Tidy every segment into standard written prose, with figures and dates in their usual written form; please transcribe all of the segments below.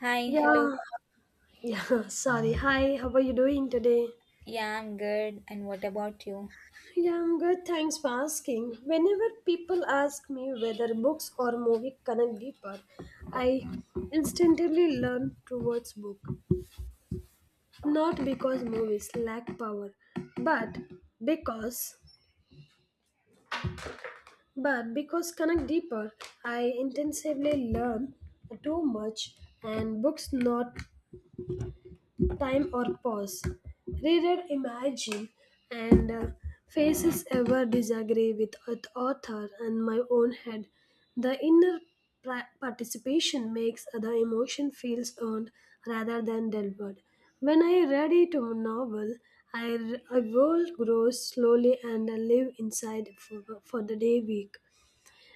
Hi, hello. Yeah, yeah, sorry. Hi, how are you doing today? Yeah, I'm good. And what about you? Yeah, I'm good. Thanks for asking. Whenever people ask me whether books or movie connect deeper, I instinctively lean towards book. Not because movies lack power, but because but because connect deeper, I intensively learn too much and books not time or pause. Reader imagine and faces ever disagree with author and my own head. The inner participation makes the emotion feels earned rather than delivered. When I read it a novel, I world grows slowly and I live inside for the day week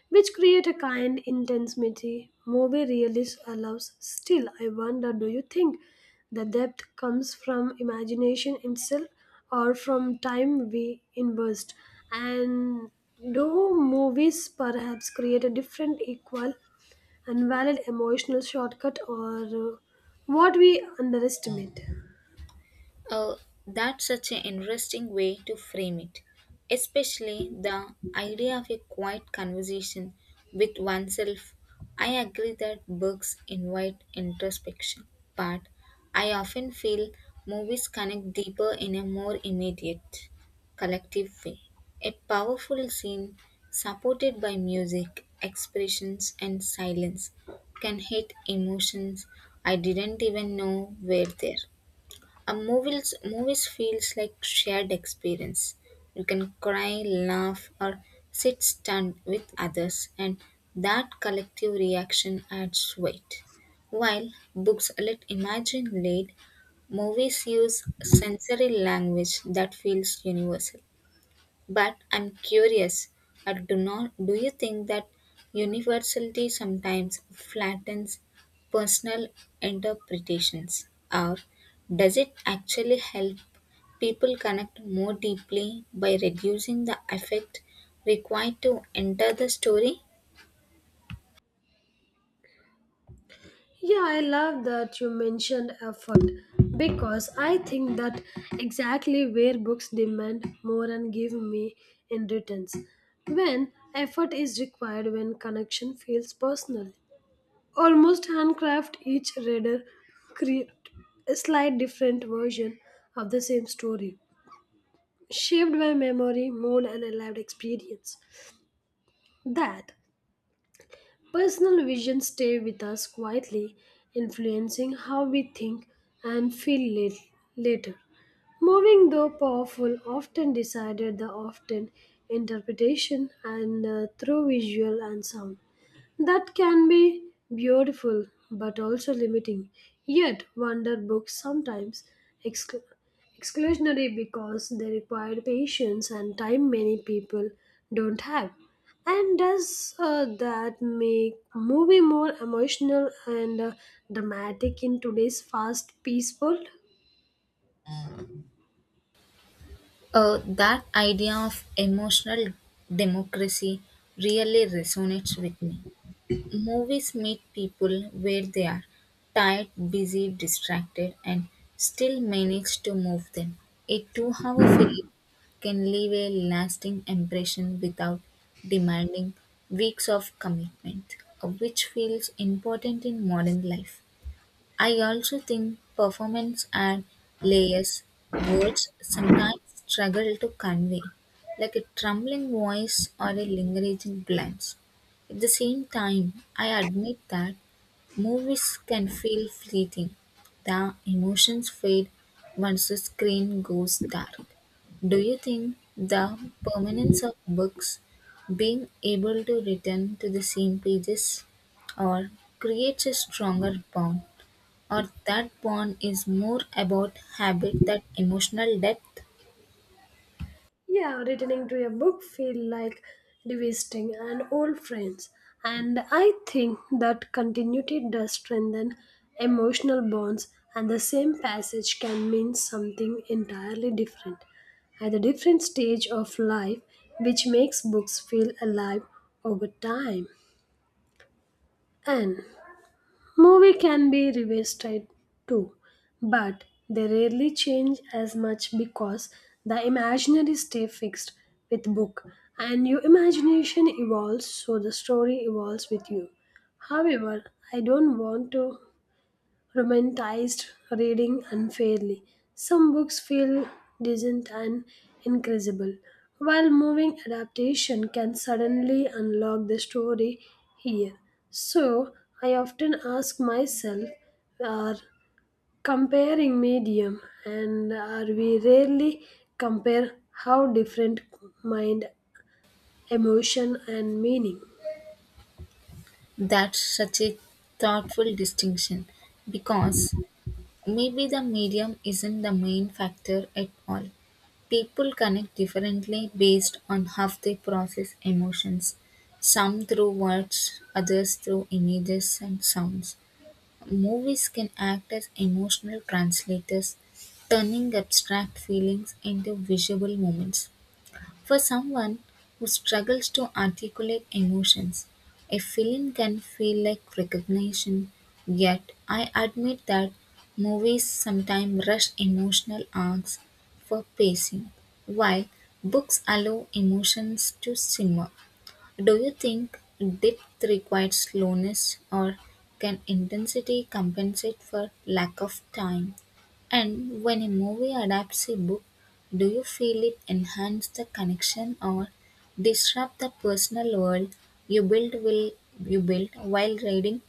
which create a kind intensity movie really allows. Still, I wonder, do you think the depth comes from imagination itself or from time we invest? And do movies perhaps create a different, equal, and valid emotional shortcut or what we underestimate? Oh, that's such an interesting way to frame it, especially the idea of a quiet conversation with oneself. I agree that books invite introspection, but I often feel movies connect deeper in a more immediate, collective way. A powerful scene supported by music, expressions, and silence can hit emotions I didn't even know were there. A movies feels like shared experience. You can cry, laugh, or sit stunned with others, and that collective reaction adds weight. While books let imagine lead, movies use sensory language that feels universal. But I'm curious, do not do you think that universality sometimes flattens personal interpretations, or does it actually help people connect more deeply by reducing the effect required to enter the story? Yeah, I love that you mentioned effort because I think that exactly where books demand more and give me in returns. When effort is required, when connection feels personal, almost handcraft, each reader create a slight different version of the same story, shaped by memory, mood, and a lived experience. That personal visions stay with us quietly, influencing how we think and feel later. Moving though powerful, often decided the often interpretation and through visual and sound. That can be beautiful but also limiting. Yet, wonder books sometimes excl- exclusionary because they require patience and time many people don't have. And does that make movie more emotional and dramatic in today's fast paced world? That idea of emotional democracy really resonates with me. Movies meet people where they are tired, busy, distracted, and still manage to move them. A 2 hour film can leave a lasting impression without demanding weeks of commitment, which feels important in modern life. I also think performance and layers words sometimes struggle to convey, like a trembling voice or a lingering glance. At the same time, I admit that movies can feel fleeting. The emotions fade once the screen goes dark. Do you think the permanence of books being able to return to the same pages or creates a stronger bond? Or that bond is more about habit than emotional depth? Yeah, returning to a book feel like revisiting an old friends. And I think that continuity does strengthen emotional bonds, and the same passage can mean something entirely different at a different stage of life, which makes books feel alive over time. And movie can be revisited too, but they rarely change as much because the imaginary stay fixed with book, and your imagination evolves so the story evolves with you. However, I don't want to romanticized reading unfairly. Some books feel decent and incredible, while moving adaptation can suddenly unlock the story here. So I often ask myself, are comparing medium, and are we rarely compare how different mind, emotion and meaning? That's such a thoughtful distinction because maybe the medium isn't the main factor at all. People connect differently based on how they process emotions, some through words, others through images and sounds. Movies can act as emotional translators, turning abstract feelings into visual moments. For someone who struggles to articulate emotions, a film can feel like recognition, yet, I admit that movies sometimes rush emotional arcs for pacing, while books allow emotions to simmer. Do you think depth requires slowness, or can intensity compensate for lack of time? And when a movie adapts a book, do you feel it enhance the connection or disrupt the personal world you build will you build while reading?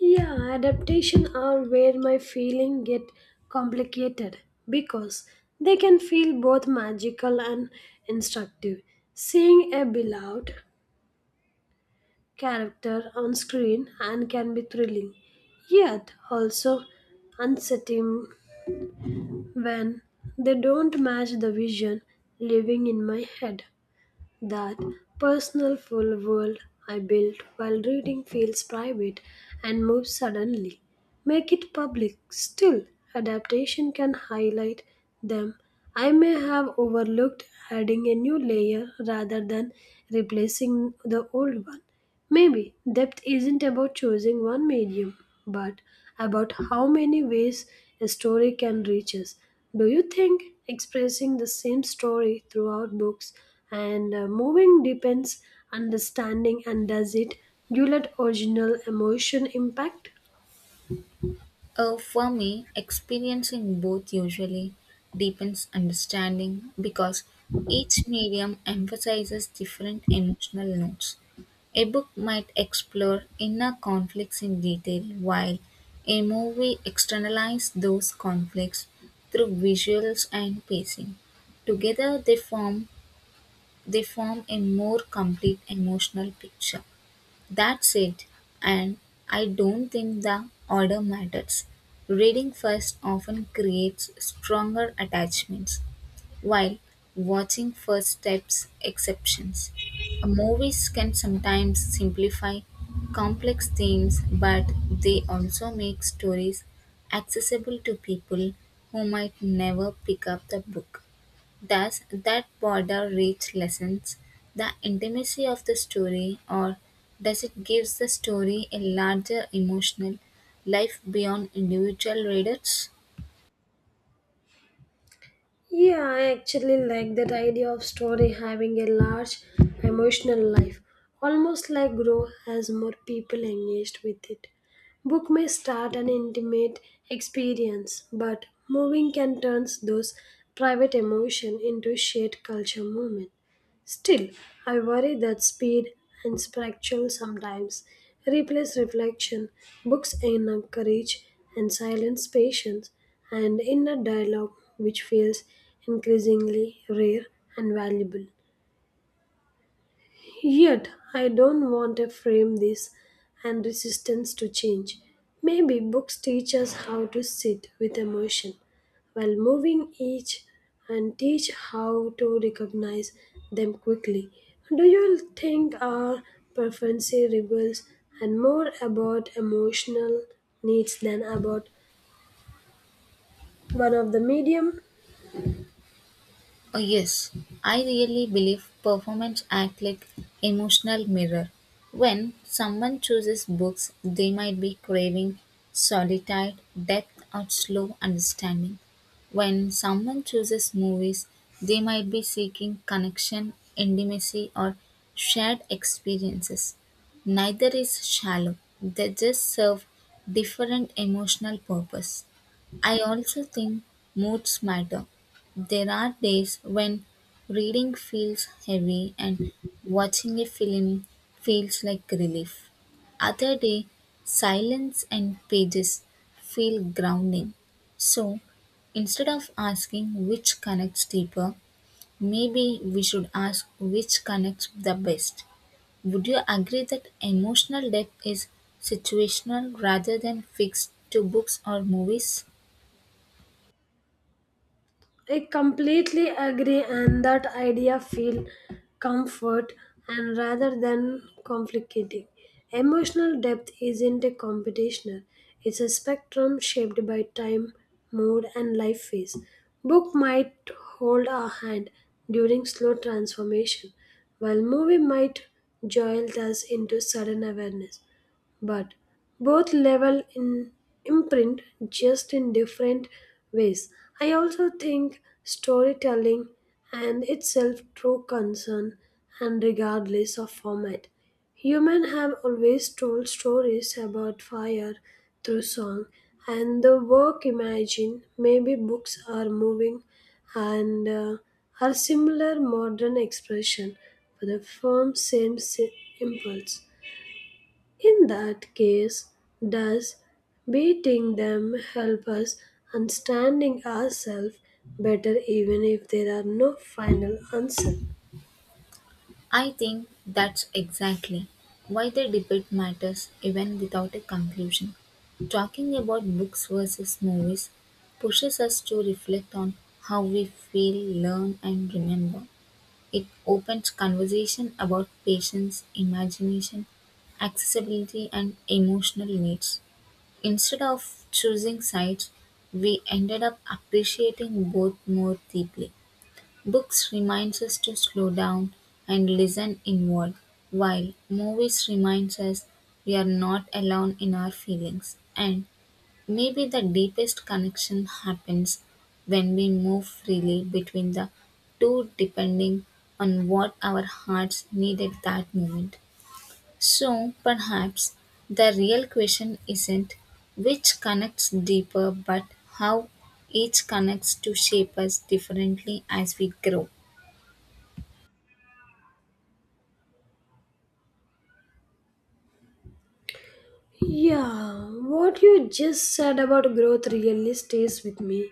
Yeah, adaptation are where my feeling get complicated because they can feel both magical and instructive. Seeing a beloved character on screen and can be thrilling, yet also unsettling when they don't match the vision living in my head. That personal full world I built while reading feels private, and moves suddenly. Make it public. Still, adaptation can highlight them. I may have overlooked, adding a new layer rather than replacing the old one. Maybe depth isn't about choosing one medium, but about how many ways a story can reach us. Do you think expressing the same story throughout books and moving depends understanding, and does it do let original emotion impact? For me, experiencing both usually deepens understanding because each medium emphasizes different emotional notes. A book might explore inner conflicts in detail, while a movie externalizes those conflicts through visuals and pacing. Together, they form a more complete emotional picture. That's it, and I don't think the order matters. Reading first often creates stronger attachments. While watching first steps exceptions, movies can sometimes simplify complex themes, but they also make stories accessible to people who might never pick up the book. Thus, that border reach lessens the intimacy of the story, or does it gives the story a larger emotional life beyond individual readers? Yeah, I actually like that idea of story having a large emotional life, almost like grow as more people engaged with it. Book may start an intimate experience, but moving can turn those private emotion into shared culture moment. Still, I worry that speed and spectrum sometimes replace reflection. Books encourage and silence patience and inner dialogue, which feels increasingly rare and valuable. Yet, I don't want to frame this and resistance to change. Maybe books teach us how to sit with emotion, while moving each and teach how to recognize them quickly. Do you think our preferency reveals and more about emotional needs than about one of the medium? Oh, yes, I really believe performance act like emotional mirror. When someone chooses books, they might be craving solitude, depth, or slow understanding. When someone chooses movies, they might be seeking connection, intimacy, or shared experiences. Neither is shallow; they just serve different emotional purpose. I also think moods matter. There are days when reading feels heavy and watching a film feels like relief. Other day silence and pages feel grounding. So instead of asking which connects deeper, maybe we should ask which connects the best. Would you agree that emotional depth is situational rather than fixed to books or movies? I completely agree, and that idea feel comfort and rather than complicating. Emotional depth isn't a competition; it's a spectrum shaped by time, mood, and life phase. Book might hold our hand during slow transformation, while movie might jolt us into sudden awareness, but both level in imprint, just in different ways. I also think storytelling and itself true concern and regardless of format. Human have always told stories about fire through song and the work imagine, maybe books are moving and are similar modern expression for the firm same impulse. In that case, does beating them help us understanding ourselves better, even if there are no final answer? I think that's exactly why the debate matters even without a conclusion. Talking about books versus movies pushes us to reflect on how we feel, learn, and remember. It opens conversation about patience, imagination, accessibility, and emotional needs. Instead of choosing sides, we ended up appreciating both more deeply. Books reminds us to slow down and listen inward, while movies reminds us we are not alone in our feelings. And maybe the deepest connection happens when we move freely between the two depending on what our hearts need at that moment. So perhaps the real question isn't which connects deeper but how each connects to shape us differently as we grow. Yeah, what you just said about growth really stays with me.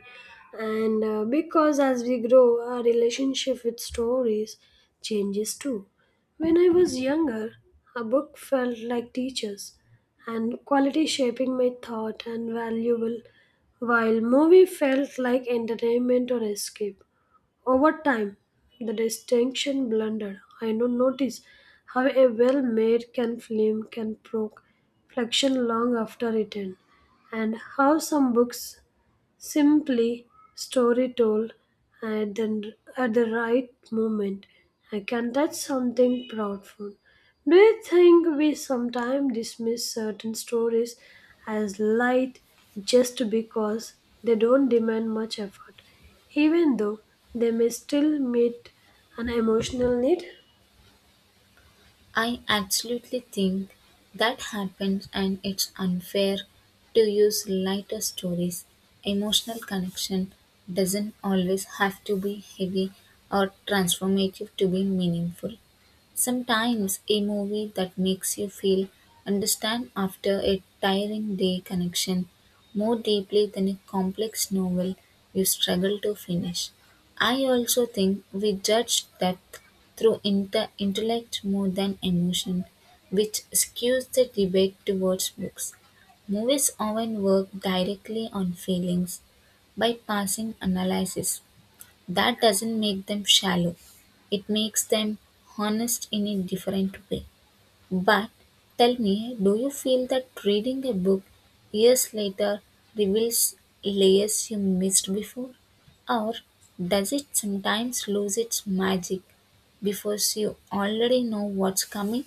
And because as we grow, our relationship with stories changes too. When I was younger, a book felt like teachers and quality shaping my thought and valuable, while movie felt like entertainment or escape. Over time, the distinction blundered. I do notice how a well made can film can provoke reflection long after it ends, and how some books simply story told at the right moment I can touch something profound. Do you think we sometimes dismiss certain stories as light just because they don't demand much effort, even though they may still meet an emotional need? I absolutely think that happens and it's unfair to use lighter stories. Emotional connection doesn't always have to be heavy or transformative to be meaningful. Sometimes a movie that makes you feel understand after a tiring day connection more deeply than a complex novel you struggle to finish. I also think we judge depth through intellect more than emotion, which skews the debate towards books. Movies often work directly on feelings by passing analysis, that doesn't make them shallow, it makes them honest in a different way. But tell me, do you feel that reading a book years later reveals layers you missed before? Or does it sometimes lose its magic because you already know what's coming?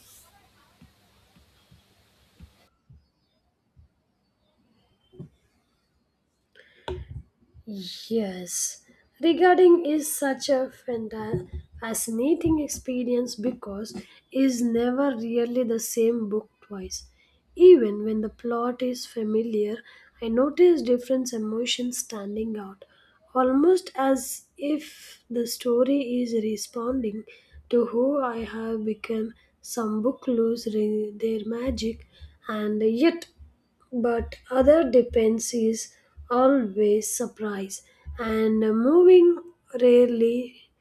Yes, regarding is such a fascinating experience because is never really the same book twice. Even when the plot is familiar, I notice different emotions standing out, almost as if the story is responding to who I have become. Some book lose their magic, and yet but other dependencies always surprise, and moving rarely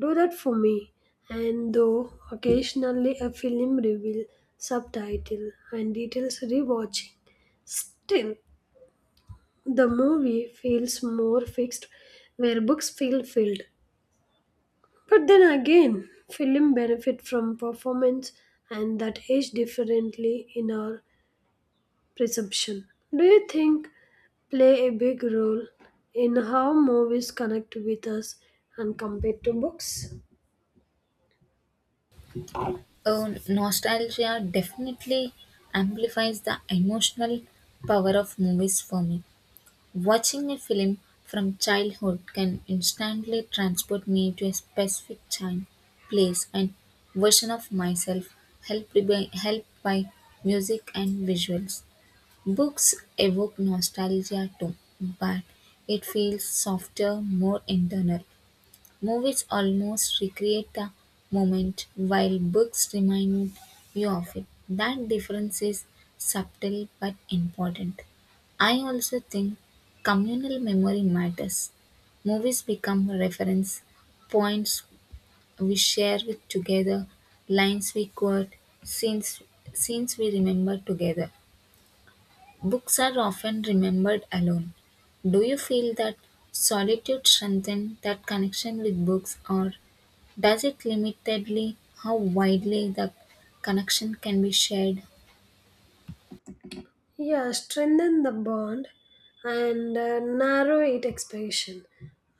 do that for me, and though occasionally a film reveal subtitle and details rewatching, still the movie feels more fixed where books feel filled. But then again, film benefit from performance and that age differently in our presumption. Do you think play a big role in how movies connect with us and compared to books? Oh, nostalgia definitely amplifies the emotional power of movies for me. Watching a film from childhood can instantly transport me to a specific time, place, and version of myself, helped by music and visuals. Books evoke nostalgia too, but it feels softer, more internal. Movies almost recreate the moment, while books remind you of it. That difference is subtle but important. I also think communal memory matters. Movies become reference points we share with together, lines we quote, scenes, scenes we remember together. Books are often remembered alone. Do you feel that solitude strengthens that connection with books, or does it limitedly how widely the connection can be shared? Yeah, strengthen the bond and narrow its expression.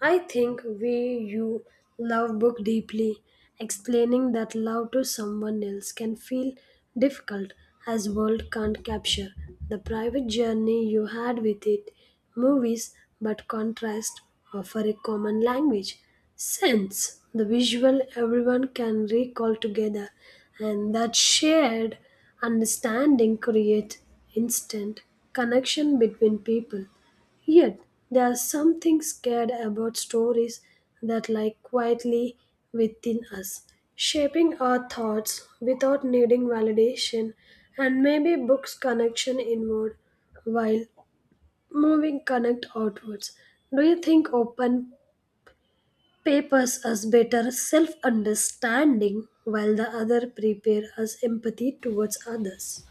I think we you love book deeply. Explaining that love to someone else can feel difficult, as world can't capture the private journey you had with it. Movies but contrast offer a common language. Sense the visual everyone can recall together, and that shared understanding creates instant connection between people. Yet, there are something scared about stories that lie quietly within us, shaping our thoughts without needing validation, and maybe books connection inward while moving connect outwards. Do you think open papers us better self understanding while the other prepare us empathy towards others?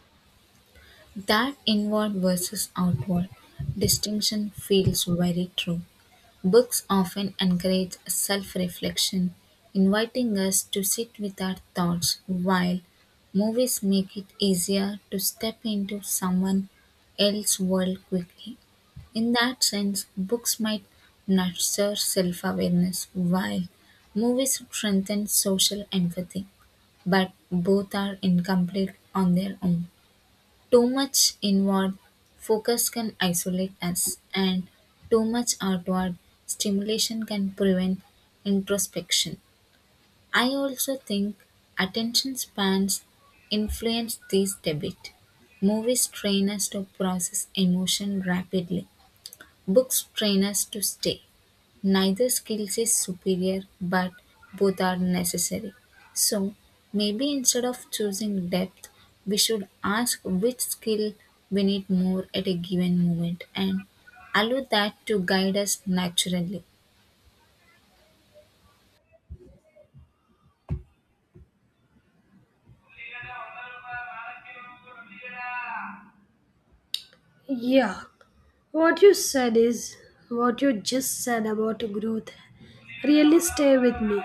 That inward versus outward distinction feels very true. Books often encourage self reflection, inviting us to sit with our thoughts, while movies make it easier to step into someone else's world quickly. In that sense, books might nurture self awareness, while movies strengthen social empathy. But both are incomplete on their own. Too much inward focus can isolate us, and too much outward stimulation can prevent introspection. I also think attention spans influence this debate. Movies train us to process emotion rapidly, books train us to stay neither skills is superior but both are necessary so maybe instead of choosing depth we should ask which skill we need more at a given moment and allow that to guide us naturally. Yeah, what you said is what you just said about growth really stay with me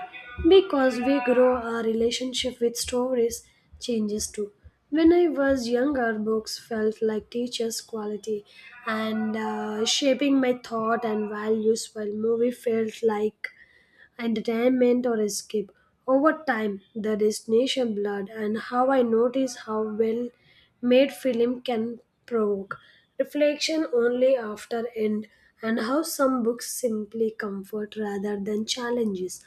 because we grow our relationship with stories changes too. When I was younger, books felt like teachers' quality and shaping my thought and values, while movie felt like entertainment or escape. Over time, the destination blood, and how I notice how well made film can provoke reflection only after end, and how some books simply comfort rather than challenges.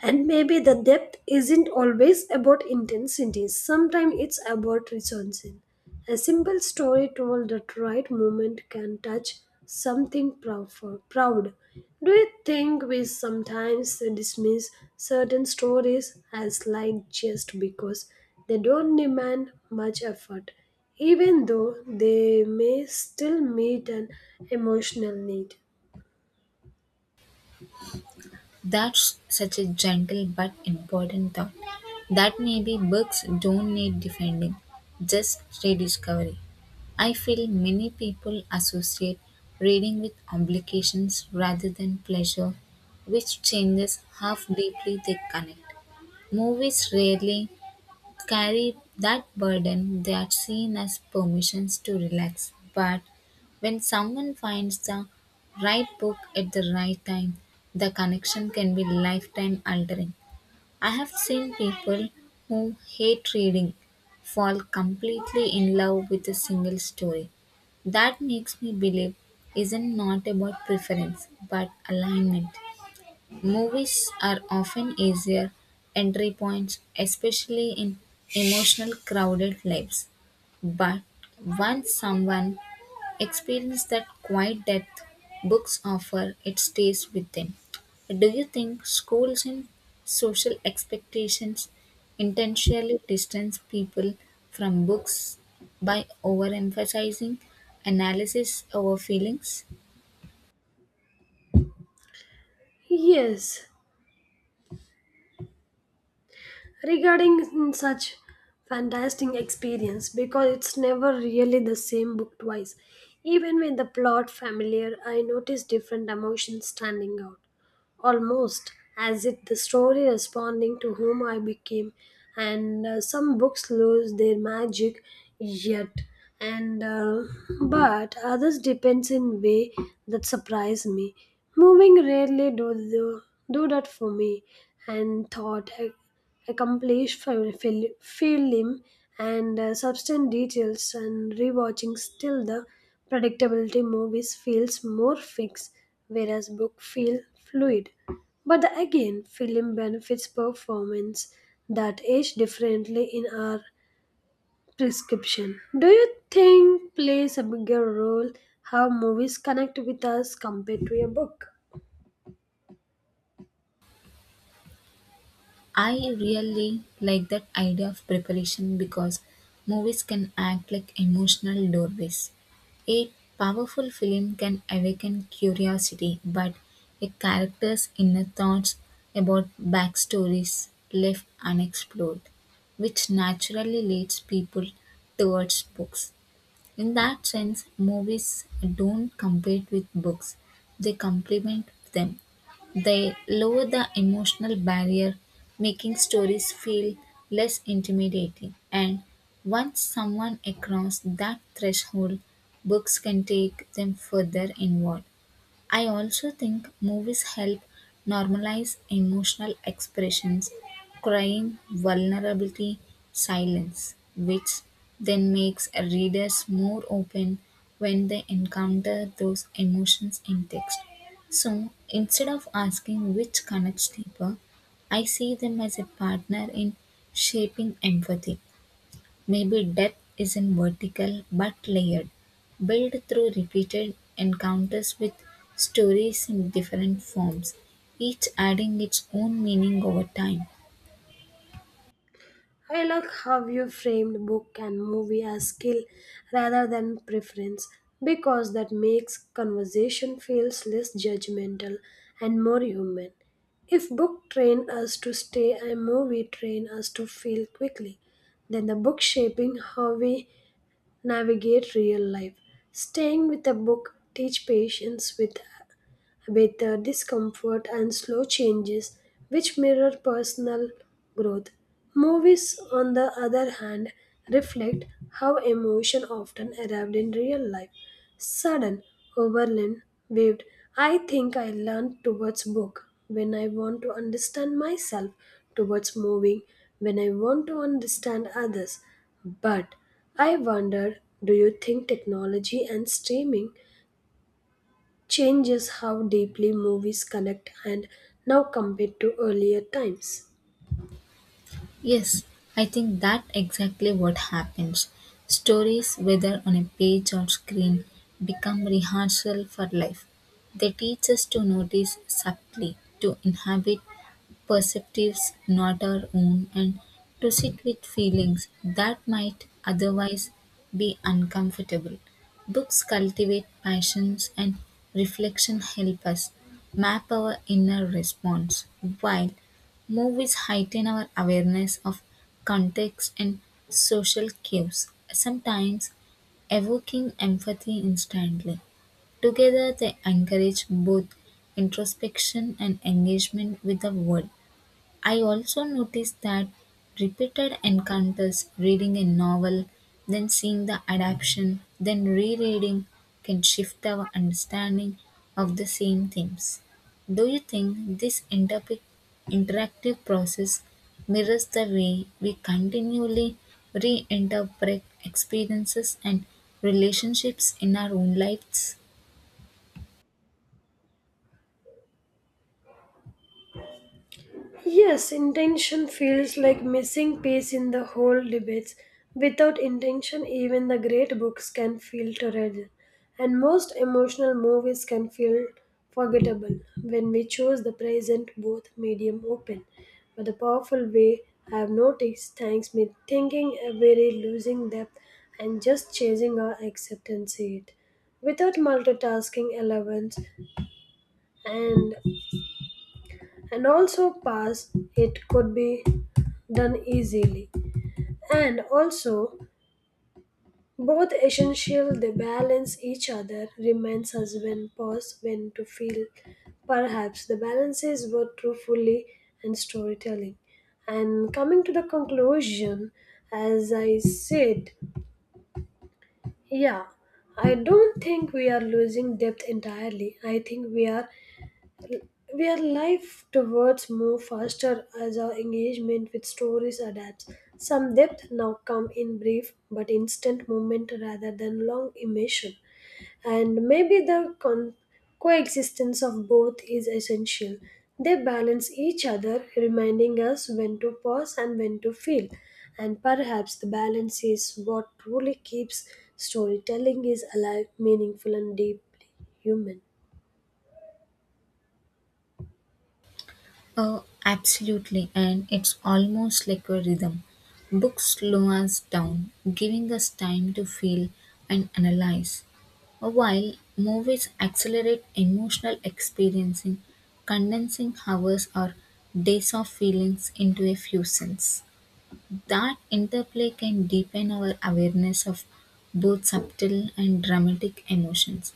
And maybe the depth isn't always about intensity, sometimes it's about resonance. A simple story told at right moment can touch something proud. Do you think we sometimes dismiss certain stories as light just because they don't demand much effort, even though they may still meet an emotional need? That's such a gentle but important thought. That maybe books don't need defending, just rediscovery. I feel many people associate reading with obligations rather than pleasure, which changes how deeply they connect. Movies rarely carry that burden, they are seen as permissions to relax. But when someone finds the right book at the right time, the connection can be lifetime altering. I have seen people who hate reading fall completely in love with a single story. That makes me believe isn't not about preference but alignment. Movies are often easier entry points, especially in emotional crowded lives. But once someone experiences that quiet depth books offer, it stays with them. Do you think schools and social expectations intentionally distance people from books by overemphasizing analysis over feelings? Yes, regarding such fantastic experience because it's never really the same book twice. Even with the plot familiar, I notice different emotions standing out, almost as if the story responding to whom I became. And some books lose their magic, yet, and but others depends in way that surprise me. Moving rarely do that for me, and thought accomplished film and substance details and rewatching, still the predictability movies feels more fixed whereas book feel fluid. But again, film benefits performance that age differently in our prescription. Do you think plays a bigger role how movies connect with us compared to a book? I really like that idea of preparation because movies can act like emotional doorways. A powerful film can awaken curiosity, but a character's inner thoughts about backstories left unexplored, which naturally leads people towards books. In that sense, movies don't compete with books, they complement them. They lower the emotional barrier, making stories feel less intimidating. And once someone across that threshold, books can take them further inward. I also think movies help normalize emotional expressions, crying, vulnerability, silence, which then makes readers more open when they encounter those emotions in text. So instead of asking which connects deeper, I see them as a partner in shaping empathy. Maybe depth isn't vertical but layered, built through repeated encounters with stories in different forms, each adding its own meaning over time. I like how you framed book and movie as skill rather than preference, because that makes conversation feels less judgmental and more human. If book train us to stay and movie train us to feel quickly, then the book shaping how we navigate real life. Staying with a book teach patience with discomfort and slow changes, which mirror personal growth. Movies, on the other hand, reflect how emotion often arrived in real life. Sudden, overland, waved. I think I learned towards book when I want to understand myself, towards moving when I want to understand others. But I wonder, do you think technology and streaming changes how deeply movies connect and now compared to earlier times? Yes, I think that exactly what happens. Stories, whether on a page or screen, become rehearsal for life. They teach us to notice subtly, to inhabit perceptives not our own, and to sit with feelings that might otherwise be uncomfortable. Books cultivate passions and reflection help us map our inner response, while movies heighten our awareness of context and social cues, sometimes evoking empathy instantly. Together, they encourage both introspection and engagement with the world. I also noticed that repeated encounters, reading a novel, then seeing the adaptation, then rereading, can shift our understanding of the same themes. Do you think this interactive process mirrors the way we continually reinterpret experiences and relationships in our own lives? Yes, intention feels like missing piece in the whole debates. Without intention, even the great books can feel torrid, and most emotional movies can feel forgettable when we choose the present both medium open. But the powerful way I have noticed thanks me thinking a very losing depth and just chasing our acceptance it without multitasking allowance. And and also pass it could be done easily. And also both essential, they balance each other reminds us when pause when to feel. Perhaps the balance is both truthfully and storytelling. And coming to the conclusion, as I said, yeah, I don't think we are losing depth entirely. I think we are where life towards move faster as our engagement with stories adapts. Some depth now come in brief but instant movement rather than long immersion, and maybe the coexistence of both is essential. They balance each other, reminding us when to pause and when to feel. And perhaps the balance is what truly keeps storytelling is alive, meaningful, and deeply human. Oh, absolutely, and it's almost like a rhythm. Books slow us down, giving us time to feel and analyze, while movies accelerate emotional experiencing, condensing hours or days of feelings into a few cents. That interplay can deepen our awareness of both subtle and dramatic emotions.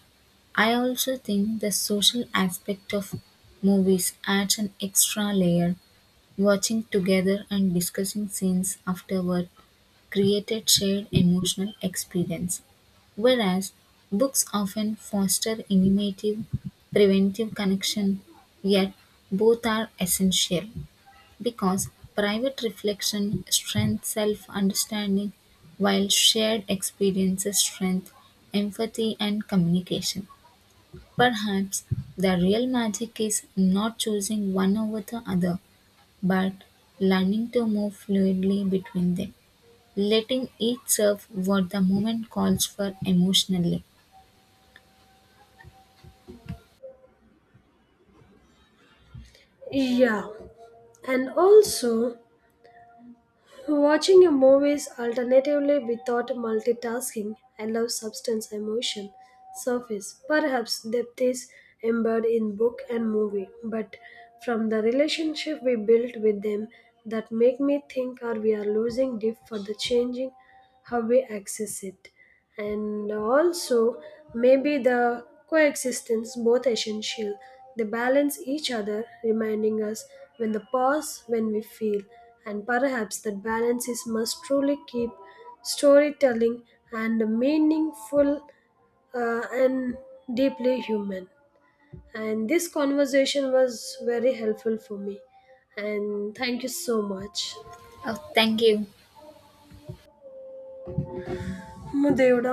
I also think the social aspect of movies adds an extra layer. Watching together and discussing scenes afterward created shared emotional experience, whereas books often foster innovative, preventive connection, yet both are essential because private reflection strengthens self-understanding while shared experiences strengthen empathy and communication. Perhaps the real magic is not choosing one over the other, but learning to move fluidly between them, letting each serve what the moment calls for emotionally. Yeah, and also watching a movies alternatively without multitasking allows substance emotion surface. Perhaps depth is embedded in book and movie, but from the relationship we built with them that make me think, are we are losing deep for the changing how we access it? And also, maybe the coexistence both essential, they balance each other reminding us when the pause when we feel, and perhaps that balance is must truly keep storytelling and meaningful, and deeply human. And this conversation was very helpful for me, and thank you so much. Oh, thank you. Mudevuda.